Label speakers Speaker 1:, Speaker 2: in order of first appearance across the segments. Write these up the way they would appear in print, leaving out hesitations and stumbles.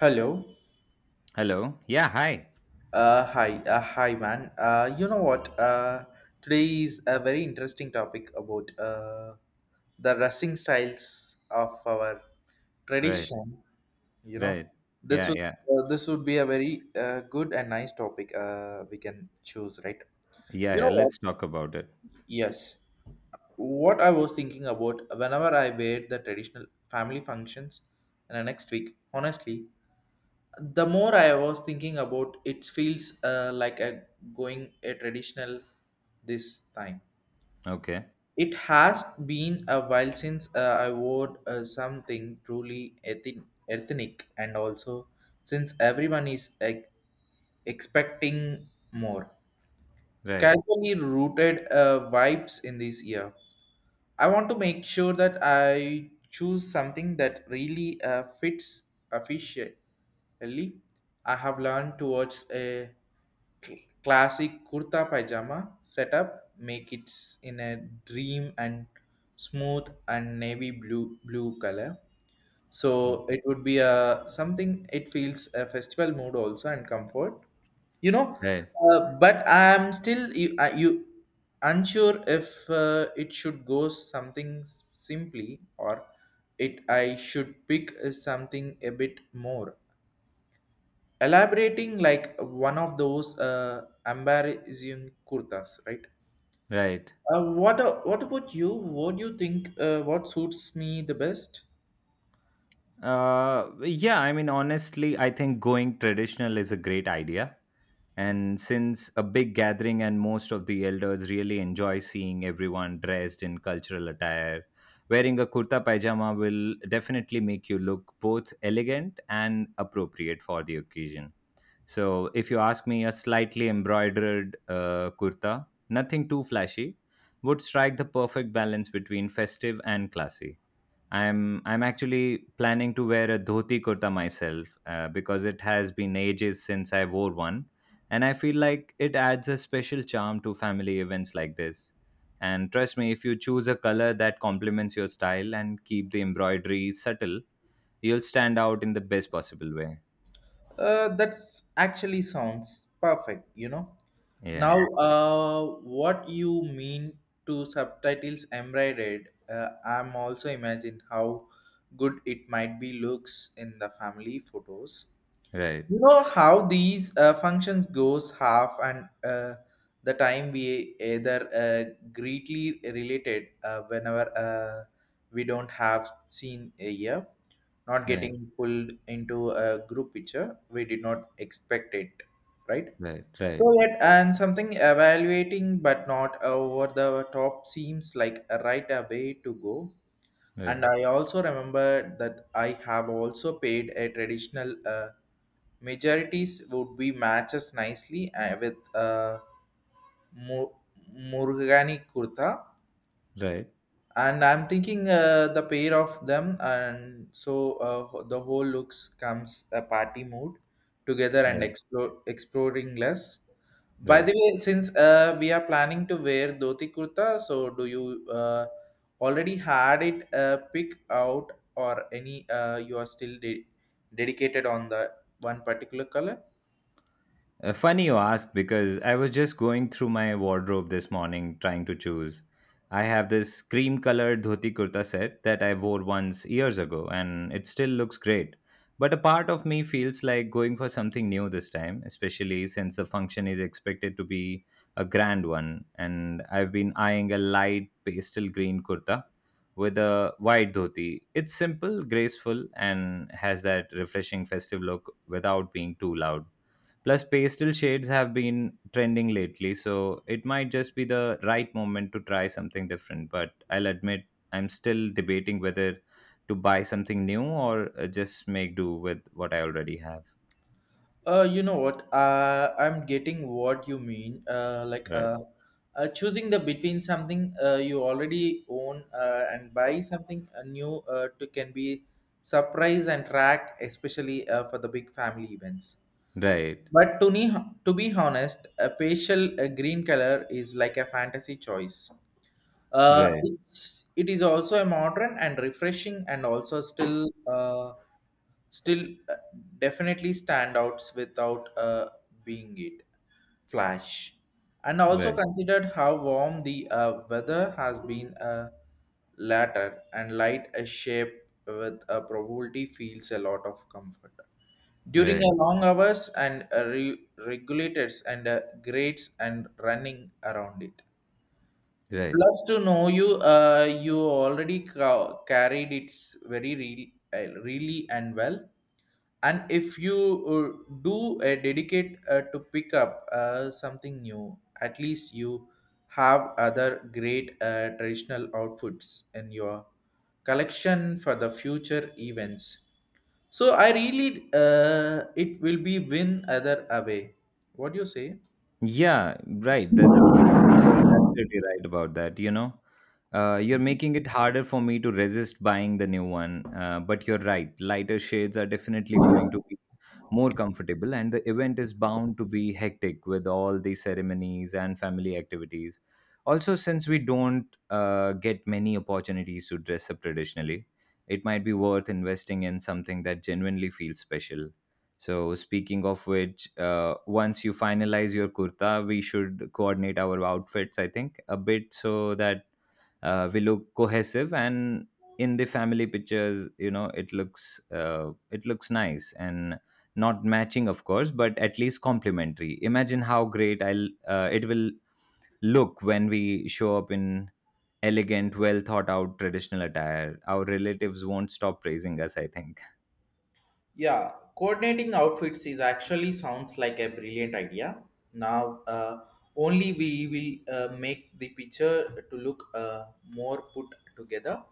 Speaker 1: Hello.
Speaker 2: Hello. Yeah, hi.
Speaker 1: Hi. Hi, man. You know what? Today is a very interesting topic about the dressing styles of our
Speaker 2: Right,
Speaker 1: tradition. You know,
Speaker 2: right.
Speaker 1: this
Speaker 2: Yeah,
Speaker 1: would
Speaker 2: yeah.
Speaker 1: this would be a very good and nice topic. We can choose, right?
Speaker 2: Yeah,
Speaker 1: You
Speaker 2: yeah,
Speaker 1: know what?
Speaker 2: let's talk about it.
Speaker 1: Yes. What I was thinking about whenever I wear the traditional family functions in the next week, honestly, the more I was thinking about it feels like a going a traditional this time
Speaker 2: Okay.
Speaker 1: it has been a while since I wore something truly ethnic and also since everyone is expecting more
Speaker 2: Right.
Speaker 1: casually rooted vibes in this year. I want to make sure that I choose something that really fits officially. I have learned towards a classic kurta pajama setup, make it in a dream and smooth and navy blue color, so
Speaker 2: Mm.
Speaker 1: it would be a something it feels a festival mood also and comfort, you know,
Speaker 2: Right.
Speaker 1: but I'm still you unsure if it should go something simply or it I should pick something a bit more elaborating, like one of those embarrassing kurtas, right?
Speaker 2: Right.
Speaker 1: What what about you, what do you think, what suits me the best?
Speaker 2: Yeah, I mean honestly, I think going traditional is a great idea. And since a big gathering and most of the elders really enjoy seeing everyone dressed in cultural attire, wearing a kurta pajama will definitely make you look both elegant and appropriate for the occasion. So if you ask me, a slightly embroidered kurta, nothing too flashy, would strike the perfect balance between festive and classy. I'm actually planning to wear a dhoti kurta myself because it has been ages since I wore one, and I feel like it adds a special charm to family events like this. And trust me, if you choose a color that complements your style and keep the embroidery subtle, you'll stand out in the best possible way.
Speaker 1: That's actually sounds perfect, you know. Now,
Speaker 2: Yeah,
Speaker 1: what you mean to subtitles embroidered, I'm also imagined how good it might be looks in the family photos,
Speaker 2: right.
Speaker 1: you know how these functions goes half and uh, the time we either greatly related whenever we don't have seen a year, not
Speaker 2: Right.
Speaker 1: getting pulled into a group picture we did not expect it, right?
Speaker 2: Right,
Speaker 1: So
Speaker 2: right,
Speaker 1: yet and something evaluating but not over the top seems like a right way to go,
Speaker 2: right,
Speaker 1: and I also remember that I have also paid a traditional majorities would be matches nicely with Mu- Murugani Kurta.
Speaker 2: right,
Speaker 1: And I'm thinking the pair of them, and so the whole looks comes a party mood together and
Speaker 2: right,
Speaker 1: explore, exploring less. By the
Speaker 2: right.
Speaker 1: way, since we are planning to wear dhoti kurta, so do you already had it pick out, or any you are still dedicated on the one particular color?
Speaker 2: Funny you ask because I was just going through my wardrobe this morning trying to choose. I have this cream colored dhoti kurta set that I wore once years ago and it still looks great. But a part of me feels like going for something new this time, especially since the function is expected to be a grand one. And I've been eyeing a light pastel green kurta with a white dhoti. It's simple, graceful, and has that refreshing festive look without being too loud. Plus, pastel shades have been trending lately, so it might just be the right moment to try something different. But I'll admit, I'm still debating whether to buy something new or just make do with what I already have.
Speaker 1: You know what? I'm getting what you mean. Like,
Speaker 2: Right.
Speaker 1: choosing the between something you already own and buy something new to can be surprise and track, especially for the big family events.
Speaker 2: Right.
Speaker 1: But to, to be honest, a pastel green color is like a fantasy choice. Uh,
Speaker 2: Right.
Speaker 1: it's, it is also a modern and refreshing, and also still, still uh, definitely standouts without being it flash. And also
Speaker 2: Right.
Speaker 1: considered how warm the weather has been latter, and light a shape with a probability feels a lot of comfort during
Speaker 2: Right.
Speaker 1: a long hours and regulators and grades and running around it,
Speaker 2: Right.
Speaker 1: plus to know you you already carried it very really and well, and if you do a dedicate to pick up something new, at least you have other great traditional outfits in your collection for the future events, so I really, it will be win either away. What do you say?
Speaker 2: Yeah, right. That's, you're absolutely right about that. You know, you're making it harder for me to resist buying the new one. But you're right. Lighter shades are definitely going to be more comfortable, and the event is bound to be hectic with all the ceremonies and family activities. Also, since we don't get many opportunities to dress up traditionally, it might be worth investing in something that genuinely feels special. So speaking of which, once you finalize your kurta, we should coordinate our outfits, I think, a bit so that we look cohesive and in the family pictures, you know, it looks nice and not matching, of course, but at least complementary. Imagine how great I'll it will look when we show up in elegant, well thought out traditional attire. Our relatives won't stop praising us, I think.
Speaker 1: Yeah, coordinating outfits is actually sounds like a brilliant idea. Now, only we will make the picture to look more put together,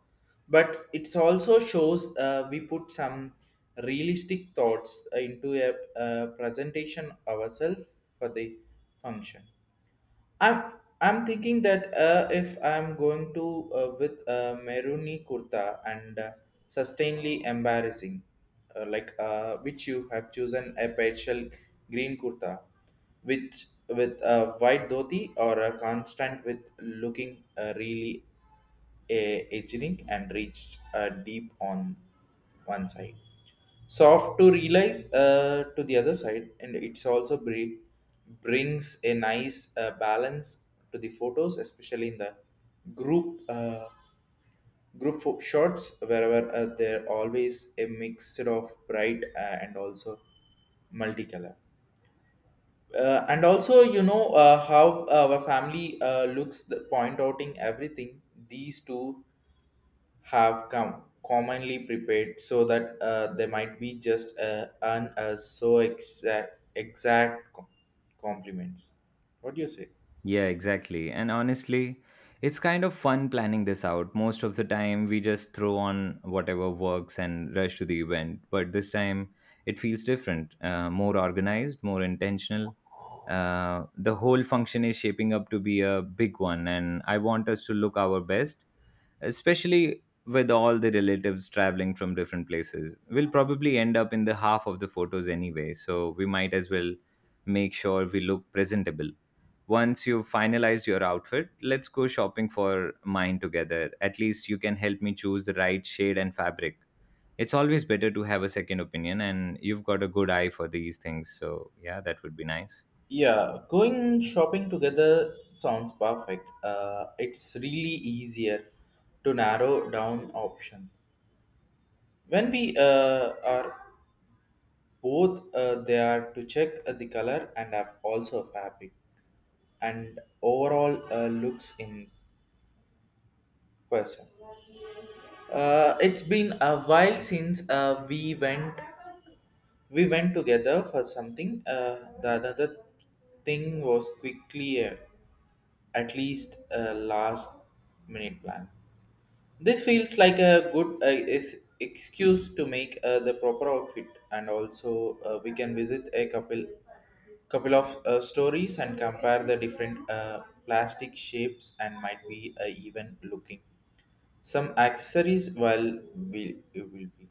Speaker 1: but it also shows we put some realistic thoughts into a, presentation ourselves for the function. I'm I'm thinking that if I'm going to with a Meruni Kurta and sustainably embarrassing, like which you have chosen a partial green kurta, which with a white dhoti or a constant with looking really uh, aging and reached deep on one side soft to realize to the other side, and it's also brings a nice balance to the photos, especially in the group shots wherever they're always a mix of bright and also multicolor, and also you know how our family looks the point outing everything, these two have come commonly prepared, so that they might be just earn us so exact compliments. What do you say?
Speaker 2: Yeah, exactly. And honestly, it's kind of fun planning this out. Most of the time, we just throw on whatever works and rush to the event. But this time, it feels different, more organized, more intentional. The whole function is shaping up to be a big one, and I want us to look our best, especially with all the relatives traveling from different places. We'll probably end up in the half of the photos anyway, so we might as well make sure we look presentable. Once you've finalized your outfit, let's go shopping for mine together. At least you can help me choose the right shade and fabric. It's always better to have a second opinion, and you've got a good eye for these things, so yeah, that would be nice.
Speaker 1: Yeah, going shopping together sounds perfect, it's really easier to narrow down option when we are both there to check the color and have also fabric and overall looks in person. It's been a while since we went together for something. The another thing was quickly, at least a last minute plan. This feels like a good is excuse to make the proper outfit, and also we can visit a couple of stories and compare the different plastic shapes, and might be even looking some accessories, well will it will be,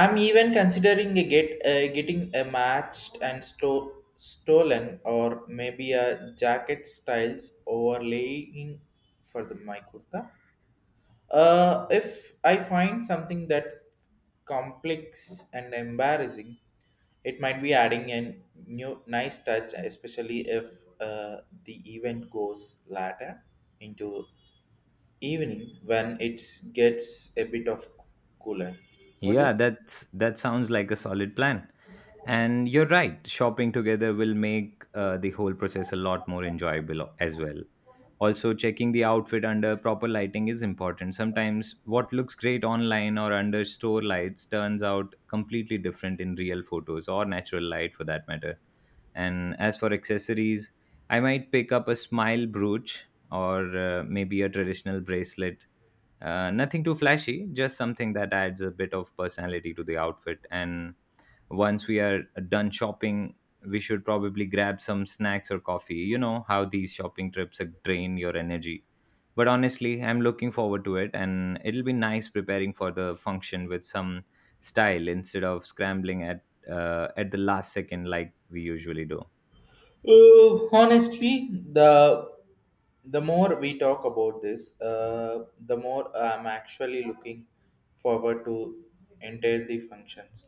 Speaker 1: I'm even considering a get getting a matched and stolen or maybe a jacket styles overlaying for the my kurta, if I find something that's complex and embarrassing, it might be adding a new nice touch, especially if the event goes later into evening when it gets a bit of cooler. What do you
Speaker 2: Yeah,
Speaker 1: say?
Speaker 2: that's, that sounds like a solid plan. And you're right, shopping together will make the whole process a lot more enjoyable as well. Also, checking the outfit under proper lighting is important. Sometimes what looks great online or under store lights turns out completely different in real photos or natural light for that matter. And as for accessories, I might pick up a smile brooch or maybe a traditional bracelet, nothing too flashy, just something that adds a bit of personality to the outfit. And once we are done shopping, we should probably grab some snacks or coffee. You know how these shopping trips drain your energy. But honestly, I'm looking forward to it, and it'll be nice preparing for the function with some style instead of scrambling at the last second like we usually do.
Speaker 1: Honestly, the more we talk about this, the more I'm actually looking forward to enter the functions.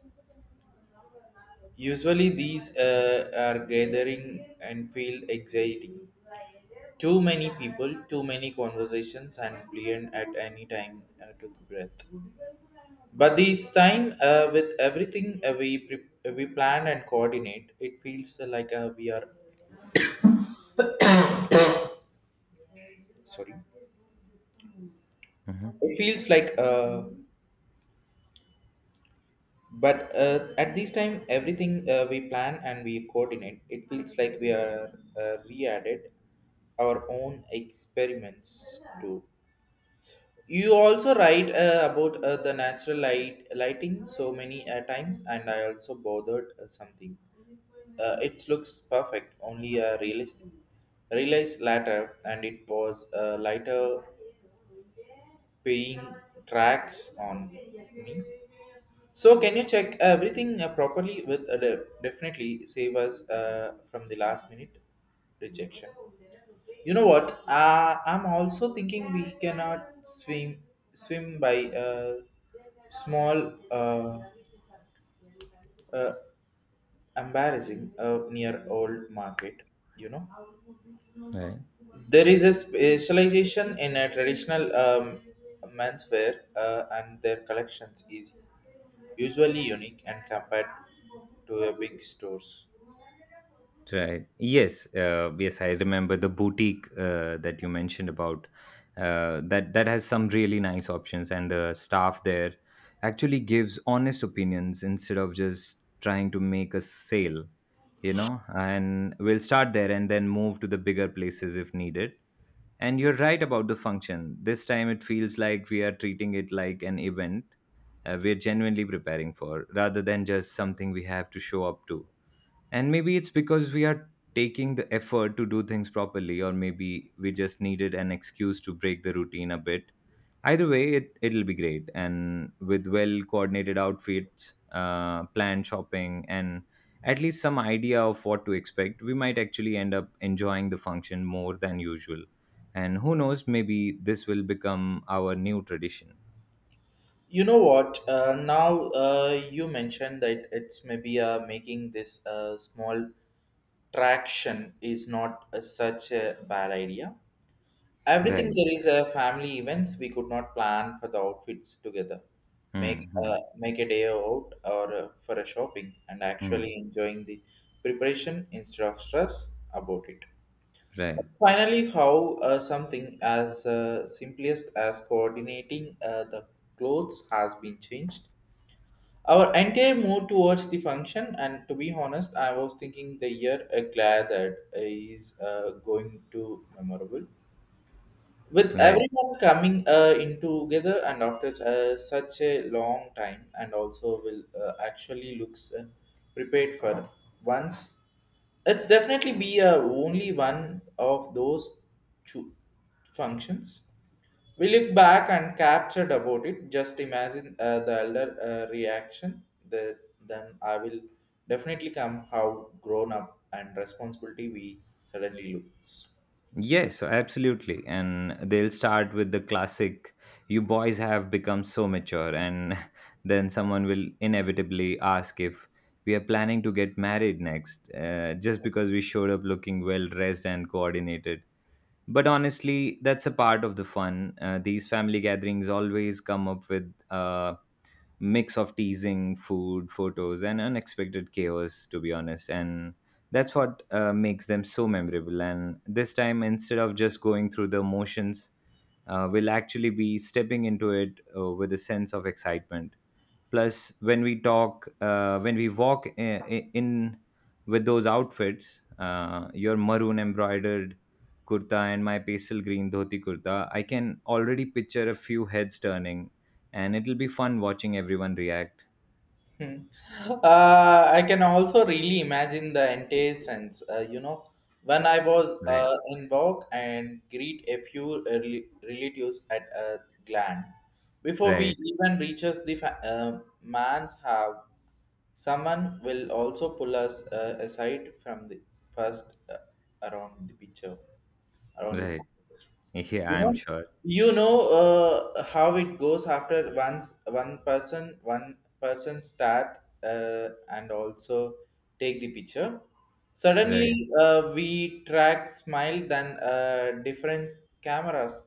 Speaker 1: Usually, these are gathering and feel exciting. Too many people, too many conversations, and brilliant at any time to the breath. But this time, with everything we plan and coordinate, it feels like we are sorry.
Speaker 2: Hmm.
Speaker 1: It feels like, but at this time, everything we plan and we coordinate, it feels like we are re-added our own experiments too. You also write about the natural light lighting so many times, and I also bothered something. It looks perfect, only realistic. Realized later, and it was a lighter paying tracks on me. So can you check everything properly? With definitely save us from the last minute rejection. You know what? I'm also thinking we cannot swim by a small, uh, embarrassing near old market. You know,
Speaker 2: Right.
Speaker 1: there is a specialization in a traditional menswear, and their collections is usually unique and compared to a big stores.
Speaker 2: Right. Yes. Yes, I remember the boutique that you mentioned about. That has some really nice options, and the staff there actually gives honest opinions instead of just trying to make a sale. You know, and we'll start there and then move to the bigger places if needed. And you're right about the function. This time it feels like we are treating it like an event we're genuinely preparing for rather than just something we have to show up to. And maybe it's because we are taking the effort to do things properly, or maybe we just needed an excuse to break the routine a bit. Either way, it'll be great. And with well coordinated outfits, planned shopping, and at least some idea of what to expect, we might actually end up enjoying the function more than usual. And who knows, maybe this will become our new tradition.
Speaker 1: You know what? Now you mentioned that, it's maybe making this small traction is not such a bad idea. Everything
Speaker 2: Right.
Speaker 1: there is a family events. We could not plan for the outfits together. Make
Speaker 2: Hmm.
Speaker 1: a,
Speaker 2: Hmm.
Speaker 1: make a day out or for a shopping and
Speaker 2: Hmm.
Speaker 1: actually enjoying the preparation instead of stress about it.
Speaker 2: Right.
Speaker 1: Finally, how something as simplest as coordinating the clothes has been changed our entire move towards the function, and to be honest, I was thinking the year a glad that is going to memorable with
Speaker 2: Right.
Speaker 1: everyone coming in together and after such a long time, and also will actually looks prepared for once, it's definitely be only one of those two functions we look back and captured about it. Just imagine the elder reaction, the, then I will definitely come how grown up and responsibility we suddenly looks.
Speaker 2: Yes, absolutely. And they'll start with the classic, you boys have become so mature. And then someone will inevitably ask if we are planning to get married next, just because we showed up looking well dressed and coordinated. But honestly, that's a part of the fun. These family gatherings always come up with mix of teasing, food, photos, and unexpected chaos, to be honest. And that's what makes them so memorable. And this time, instead of just going through the motions, we'll actually be stepping into it with a sense of excitement. Plus when we talk when we walk in with those outfits, your maroon embroidered kurta and my pastel green dhoti kurta, I can already picture a few heads turning, and it'll be fun watching everyone react.
Speaker 1: Hmm. I can also really imagine the entire sense. You know, when I was
Speaker 2: Right,
Speaker 1: in work and greet a few early relatives at a gland, before we
Speaker 2: right,
Speaker 1: even reaches the man's house, someone will also pull us aside from the first around the picture, around the
Speaker 2: right,
Speaker 1: forest.
Speaker 2: yeah,
Speaker 1: you know
Speaker 2: I'm sure.
Speaker 1: you know how it goes, after once one person start and also take the picture,
Speaker 2: Right,
Speaker 1: suddenly we track smile, then different cameras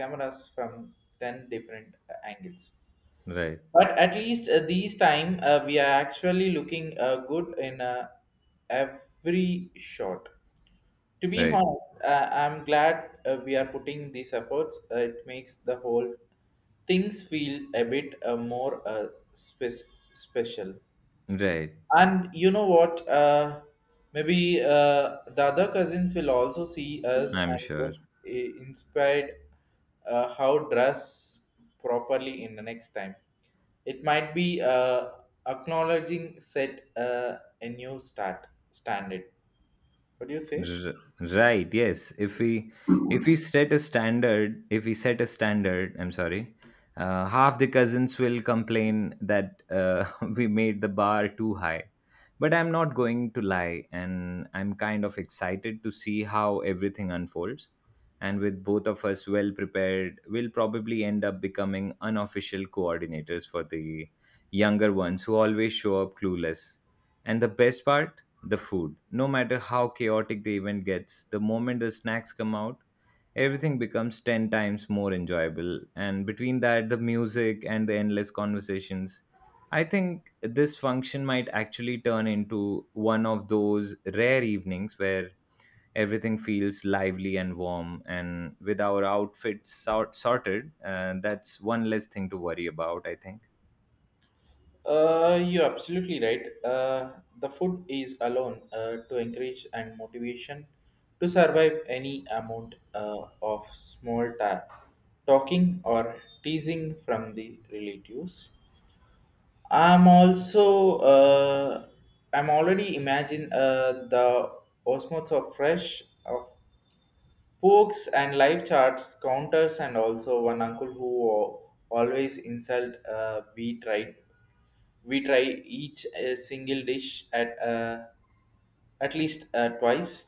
Speaker 1: cameras from 10 different angles,
Speaker 2: right,
Speaker 1: but at least these time we are actually looking good in every shot. To be
Speaker 2: right,
Speaker 1: honest, I'm glad we are putting these efforts. It makes the whole things feel a bit more special.
Speaker 2: right,
Speaker 1: And you know what? Maybe the other cousins will also see us
Speaker 2: I'm
Speaker 1: and
Speaker 2: sure.
Speaker 1: get inspired how dress properly in the next time. It might be acknowledging set a new start standard. What do you say?
Speaker 2: R- right. Yes, if we set a standard if we set a standard, I'm sorry, half the cousins will complain that we made the bar too high. But I'm not going to lie, and I'm kind of excited to see how everything unfolds. And with both of us well prepared, we'll probably end up becoming unofficial coordinators for the younger ones who always show up clueless. And the best part, the food. No matter how chaotic the event gets, the moment the snacks come out, everything becomes 10 times more enjoyable. And between that, the music and the endless conversations, I think this function might actually turn into one of those rare evenings where everything feels lively and warm. And with our sorted, that's one less thing to worry about, I think.
Speaker 1: You're absolutely right. The food is alone to encourage and motivation to survive any amount of small talking or teasing from the relatives. I'm also, I'm already imagine the osmotes of fresh of Pokes and live charts, counters, and also one uncle who always insult. We try each single dish at least twice.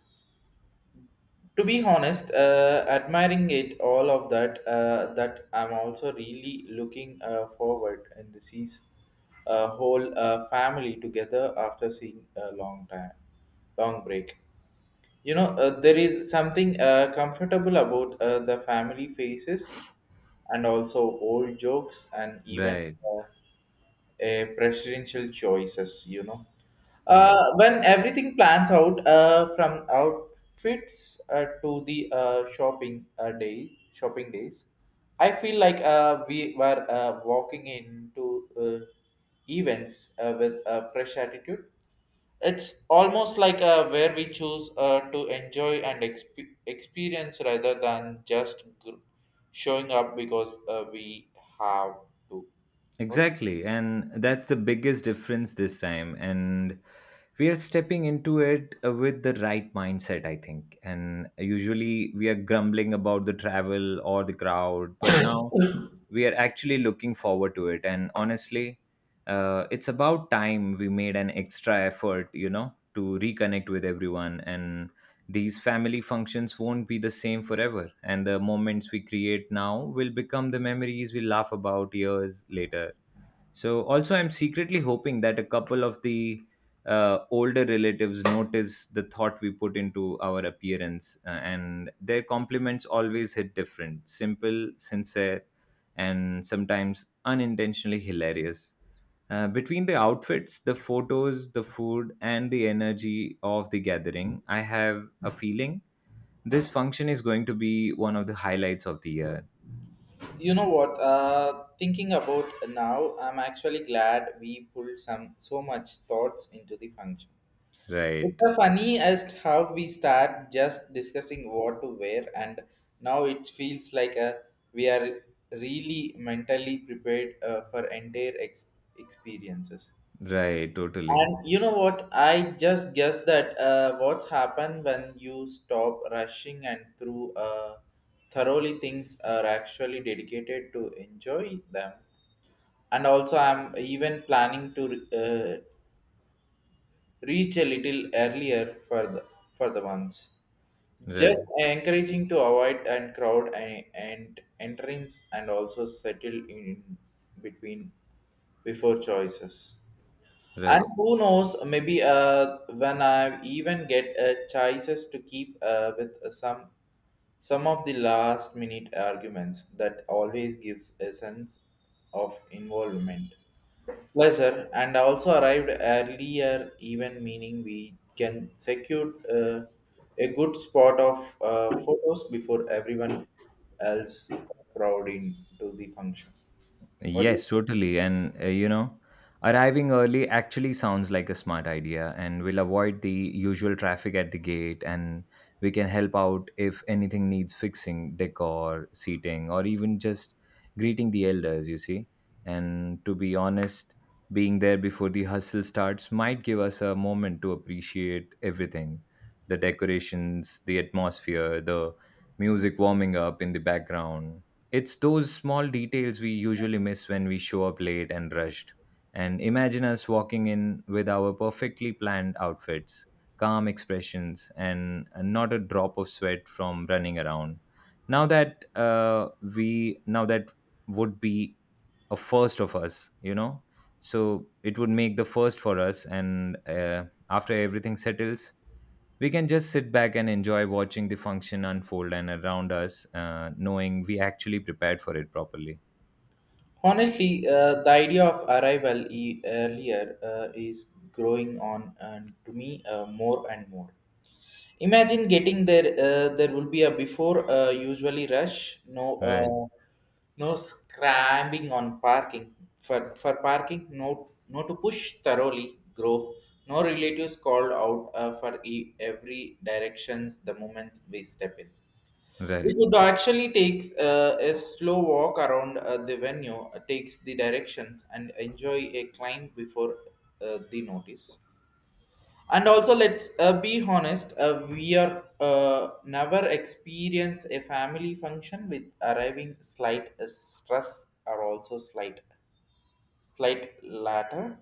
Speaker 1: To be honest, admiring it all of that, that I'm also really looking forward and this is a whole family together after seeing a long time, long break. You know, there is something comfortable about the family faces and also old jokes and even
Speaker 2: Right.
Speaker 1: uh, presidential choices, you know. Uh,
Speaker 2: Yes.
Speaker 1: when everything plans out from outfits to the shopping day, shopping days, I feel like we were walking into events with a fresh attitude. It's almost like where we choose to enjoy and experience rather than just showing up because we have to. What do you-
Speaker 2: Exactly. And that's the biggest difference this time. And we are stepping into it with the right mindset, I think. And usually we are grumbling about the travel or the crowd, but now we are actually looking forward to it. And honestly, it's about time we made an extra effort, you know, to reconnect with everyone. And these family functions won't be the same forever. And the moments we create now will become the memories we laugh about years later. So also, I'm secretly hoping that a couple of the older relatives notice the thought we put into our appearance, and their compliments always hit different, simple, sincere, and sometimes unintentionally hilarious. Between the outfits, the photos, the food, and the energy of the gathering, I have a feeling this function is going to be one of the highlights of the year.
Speaker 1: know what? Thinking about now, I'm actually glad we pulled some so much thoughts into the function. It's
Speaker 2: Right,
Speaker 1: so funny as how we start just discussing what to wear, and now it feels like a, we are really mentally prepared for entire experiences.
Speaker 2: right, totally.
Speaker 1: And you know what? I just guess that what's happened when you stop rushing and through thoroughly things are actually dedicated to enjoy them. And also, I'm even planning to uh, reach a little earlier for the ones. Just
Speaker 2: Right,
Speaker 1: encouraging to avoid and crowd and, entrance and also settle in between before choices and
Speaker 2: right.
Speaker 1: who knows maybe when I even get choices to keep with some of the last minute arguments that always gives a sense of involvement. Pleasure, and also arrived earlier, even meaning we can secure a good spot of photos before everyone else crowd into the function. What is-
Speaker 2: Yes, totally. And you know, arriving early actually sounds like a smart idea, and we'll avoid the usual traffic at the gate, and we can help out if anything needs fixing, decor, seating, or even just greeting the elders, you see. And to be honest, being there before the hustle starts might give us a moment to appreciate everything, the decorations, the atmosphere, the music warming up in the background. It's those small details we usually miss when we show up late and rushed. And imagine us walking in with our perfectly planned outfits, calm expressions, and not a drop of sweat from running around. Now that uh, Now that would be a first of us, you know. So it would make the first for us, and after everything settles, we can just sit back and enjoy watching the function unfold and around us, knowing we actually prepared for it properly.
Speaker 1: Honestly, the idea of arrival earlier is growing on and to me more and more. Imagine getting there. There will be a before usually rush. No,
Speaker 2: Right,
Speaker 1: uh, no scrambling on parking. For parking, no to push thoroughly. Grow. No relatives called out for every directions the moment we step in. We
Speaker 2: right,
Speaker 1: could actually take a slow walk around the venue, takes the directions, and enjoy a climb before the notice, and also let's be honest, we are never experience a family function with arriving slight stress or also slight latter.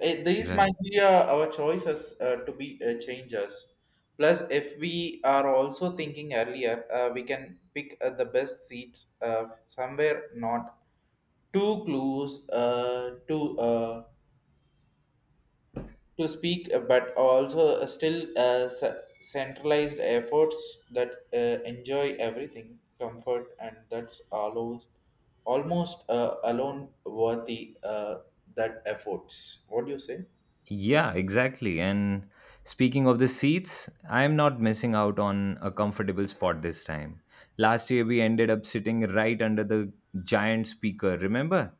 Speaker 1: Eh, these
Speaker 2: right.
Speaker 1: might be our choices to be changes, plus if we are also thinking earlier, we can pick the best seats somewhere not too close to speak, but also still centralized efforts that enjoy everything, comfort, and that's almost alone worthy that efforts. What do you say?
Speaker 2: Yeah, exactly. And speaking of the seats, I'm not missing out on a comfortable spot this time. Last year, we ended up sitting right under the giant speaker, remember?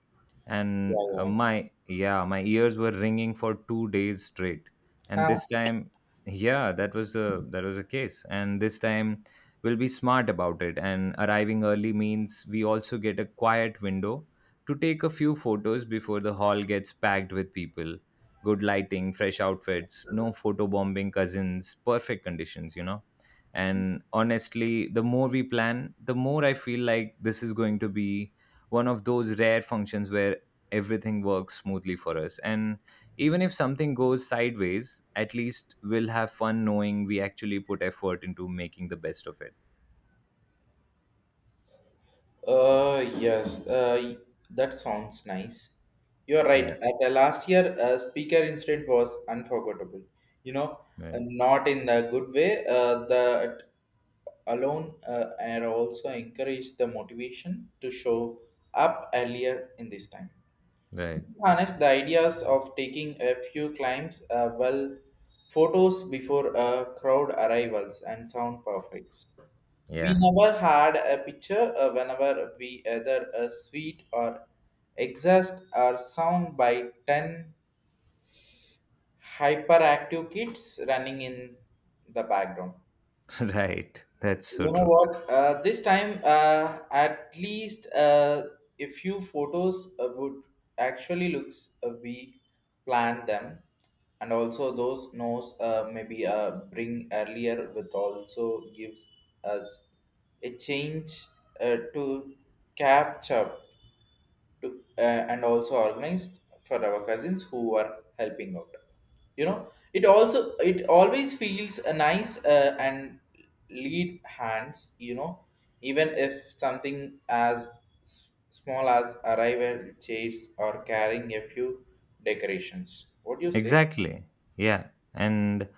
Speaker 1: Yeah,
Speaker 2: And uh,
Speaker 1: yeah.
Speaker 2: my, yeah, my ears were ringing for 2 days straight. And this time, yeah, that was the case. And this time, we'll be smart about it. And arriving early means we also get a quiet window to take a few photos before the hall gets packed with people, good lighting, fresh outfits, no photo bombing cousins, perfect conditions. And honestly, the more we plan, the more I feel like this is going to be one of those rare functions where everything works smoothly for us. And even if something goes sideways, at least we'll have fun knowing we actually put effort into making the best of it.
Speaker 1: Yes, that sounds nice. You're right.
Speaker 2: Yeah.
Speaker 1: At the last year, speaker incident was unforgettable. You know,
Speaker 2: Right.
Speaker 1: not in the good way. That alone and also encouraged the motivation to show up earlier in this time,
Speaker 2: Right.
Speaker 1: harness the ideas of taking a few climbs, well photos before crowd arrivals and sound perfects. We
Speaker 2: Yeah.
Speaker 1: never had a picture whenever we either a sweet or exhaust or sound by 10 hyperactive kids running in the background.
Speaker 2: Right. That's so
Speaker 1: You know
Speaker 2: true.
Speaker 1: what? This time, at least a few photos would actually looks, we planned them, and also those knows, maybe bring earlier with also gives us a change to capture to, and also organized for our cousins who are helping out, you know. It also it always feels a nice and lead hands, you know, even if something as small as arrival chairs or carrying a few decorations. What do you say?
Speaker 2: Exactly. Yeah. And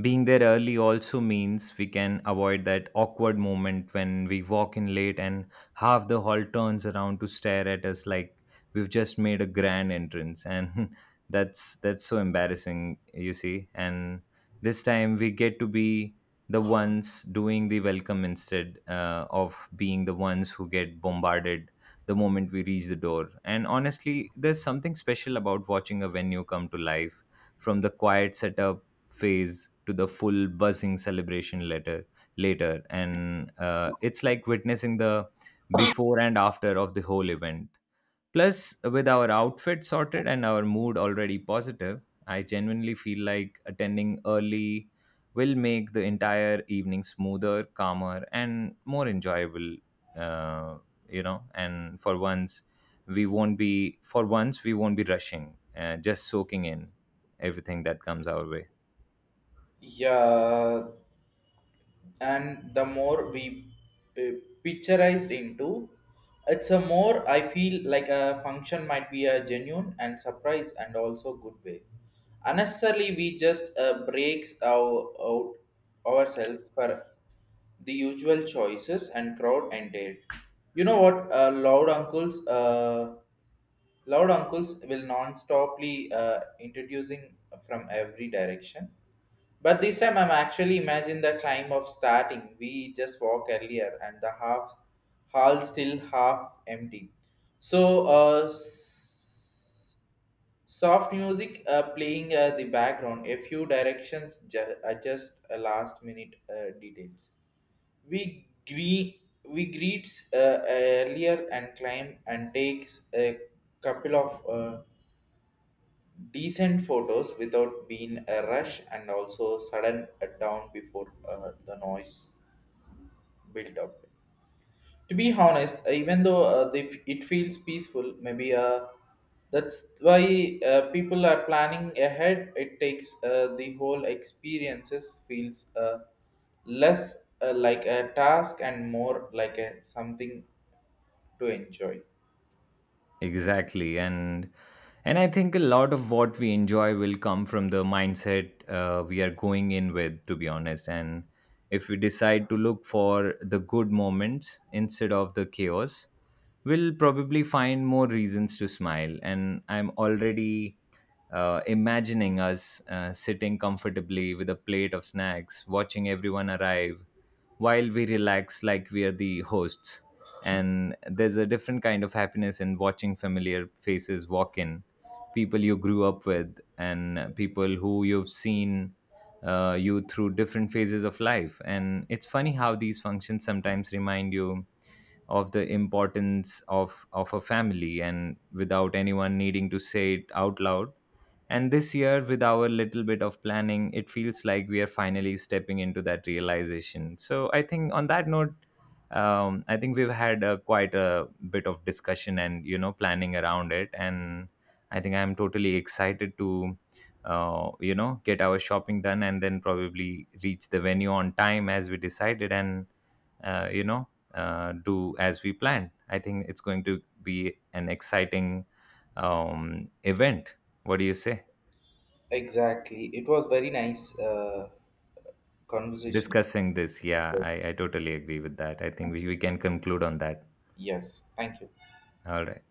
Speaker 2: being there early also means we can avoid that awkward moment when we walk in late and half the hall turns around to stare at us like we've just made a grand entrance, and that's so embarrassing, you see. And this time we get to be the ones doing the welcome instead of being the ones who get bombarded the moment we reach the door. And honestly, there's something special about watching a venue come to life from the quiet setup phase to the full buzzing celebration later, and it's like witnessing the before and after of the whole event. Plus, with our outfit sorted and our mood already positive, I genuinely feel like attending early will make the entire evening smoother, calmer, and more enjoyable. Uh, and for once, we won't be for once we won't be rushing, just soaking in everything that comes our way.
Speaker 1: Yeah, and the more we uh, picturized into, it's a more I feel like a function might be a genuine and surprise and also good way unnecessarily. We just breaks our out ourselves for the usual choices and crowd ended. You know what, loud uncles will non-stoply introducing from every direction. But this time I'm actually imagine the climb of starting. We just walk earlier and the half hall still half empty. So soft music playing the background. A few directions adjust last minute details. We gre- we greets earlier and climb and takes a couple of. Decent photos without being a rush and also sudden down before the noise built up. To be honest, even though it feels peaceful, maybe that's why people are planning ahead. It takes the whole experiences feels less like a task and more like a something to enjoy.
Speaker 2: Exactly, and I think a lot of what we enjoy will come from the mindset we are going in with, to be honest. And if we decide to look for the good moments instead of the chaos, we'll probably find more reasons to smile. And I'm already imagining us sitting comfortably with a plate of snacks, watching everyone arrive, while we relax like we are the hosts. And there's a different kind of happiness in watching familiar faces walk in, people you grew up with, and people who you've seen you through different phases of life. And it's funny how these functions sometimes remind you of the importance of a family, and without anyone needing to say it out loud. And this year, with our little bit of planning, it feels like we are finally stepping into that realization. So I think on that note, I think we've had quite a bit of discussion and, you know, planning around it, and I think I'm totally excited to get our shopping done and then probably reach the venue on time as we decided, and do as we planned. I think it's going to be an exciting event. What do you say?
Speaker 1: Exactly, it was very nice conversation.
Speaker 2: Discussing this. Yeah, I totally agree with that. I think we can conclude on that.
Speaker 1: Yes, thank you.
Speaker 2: All right.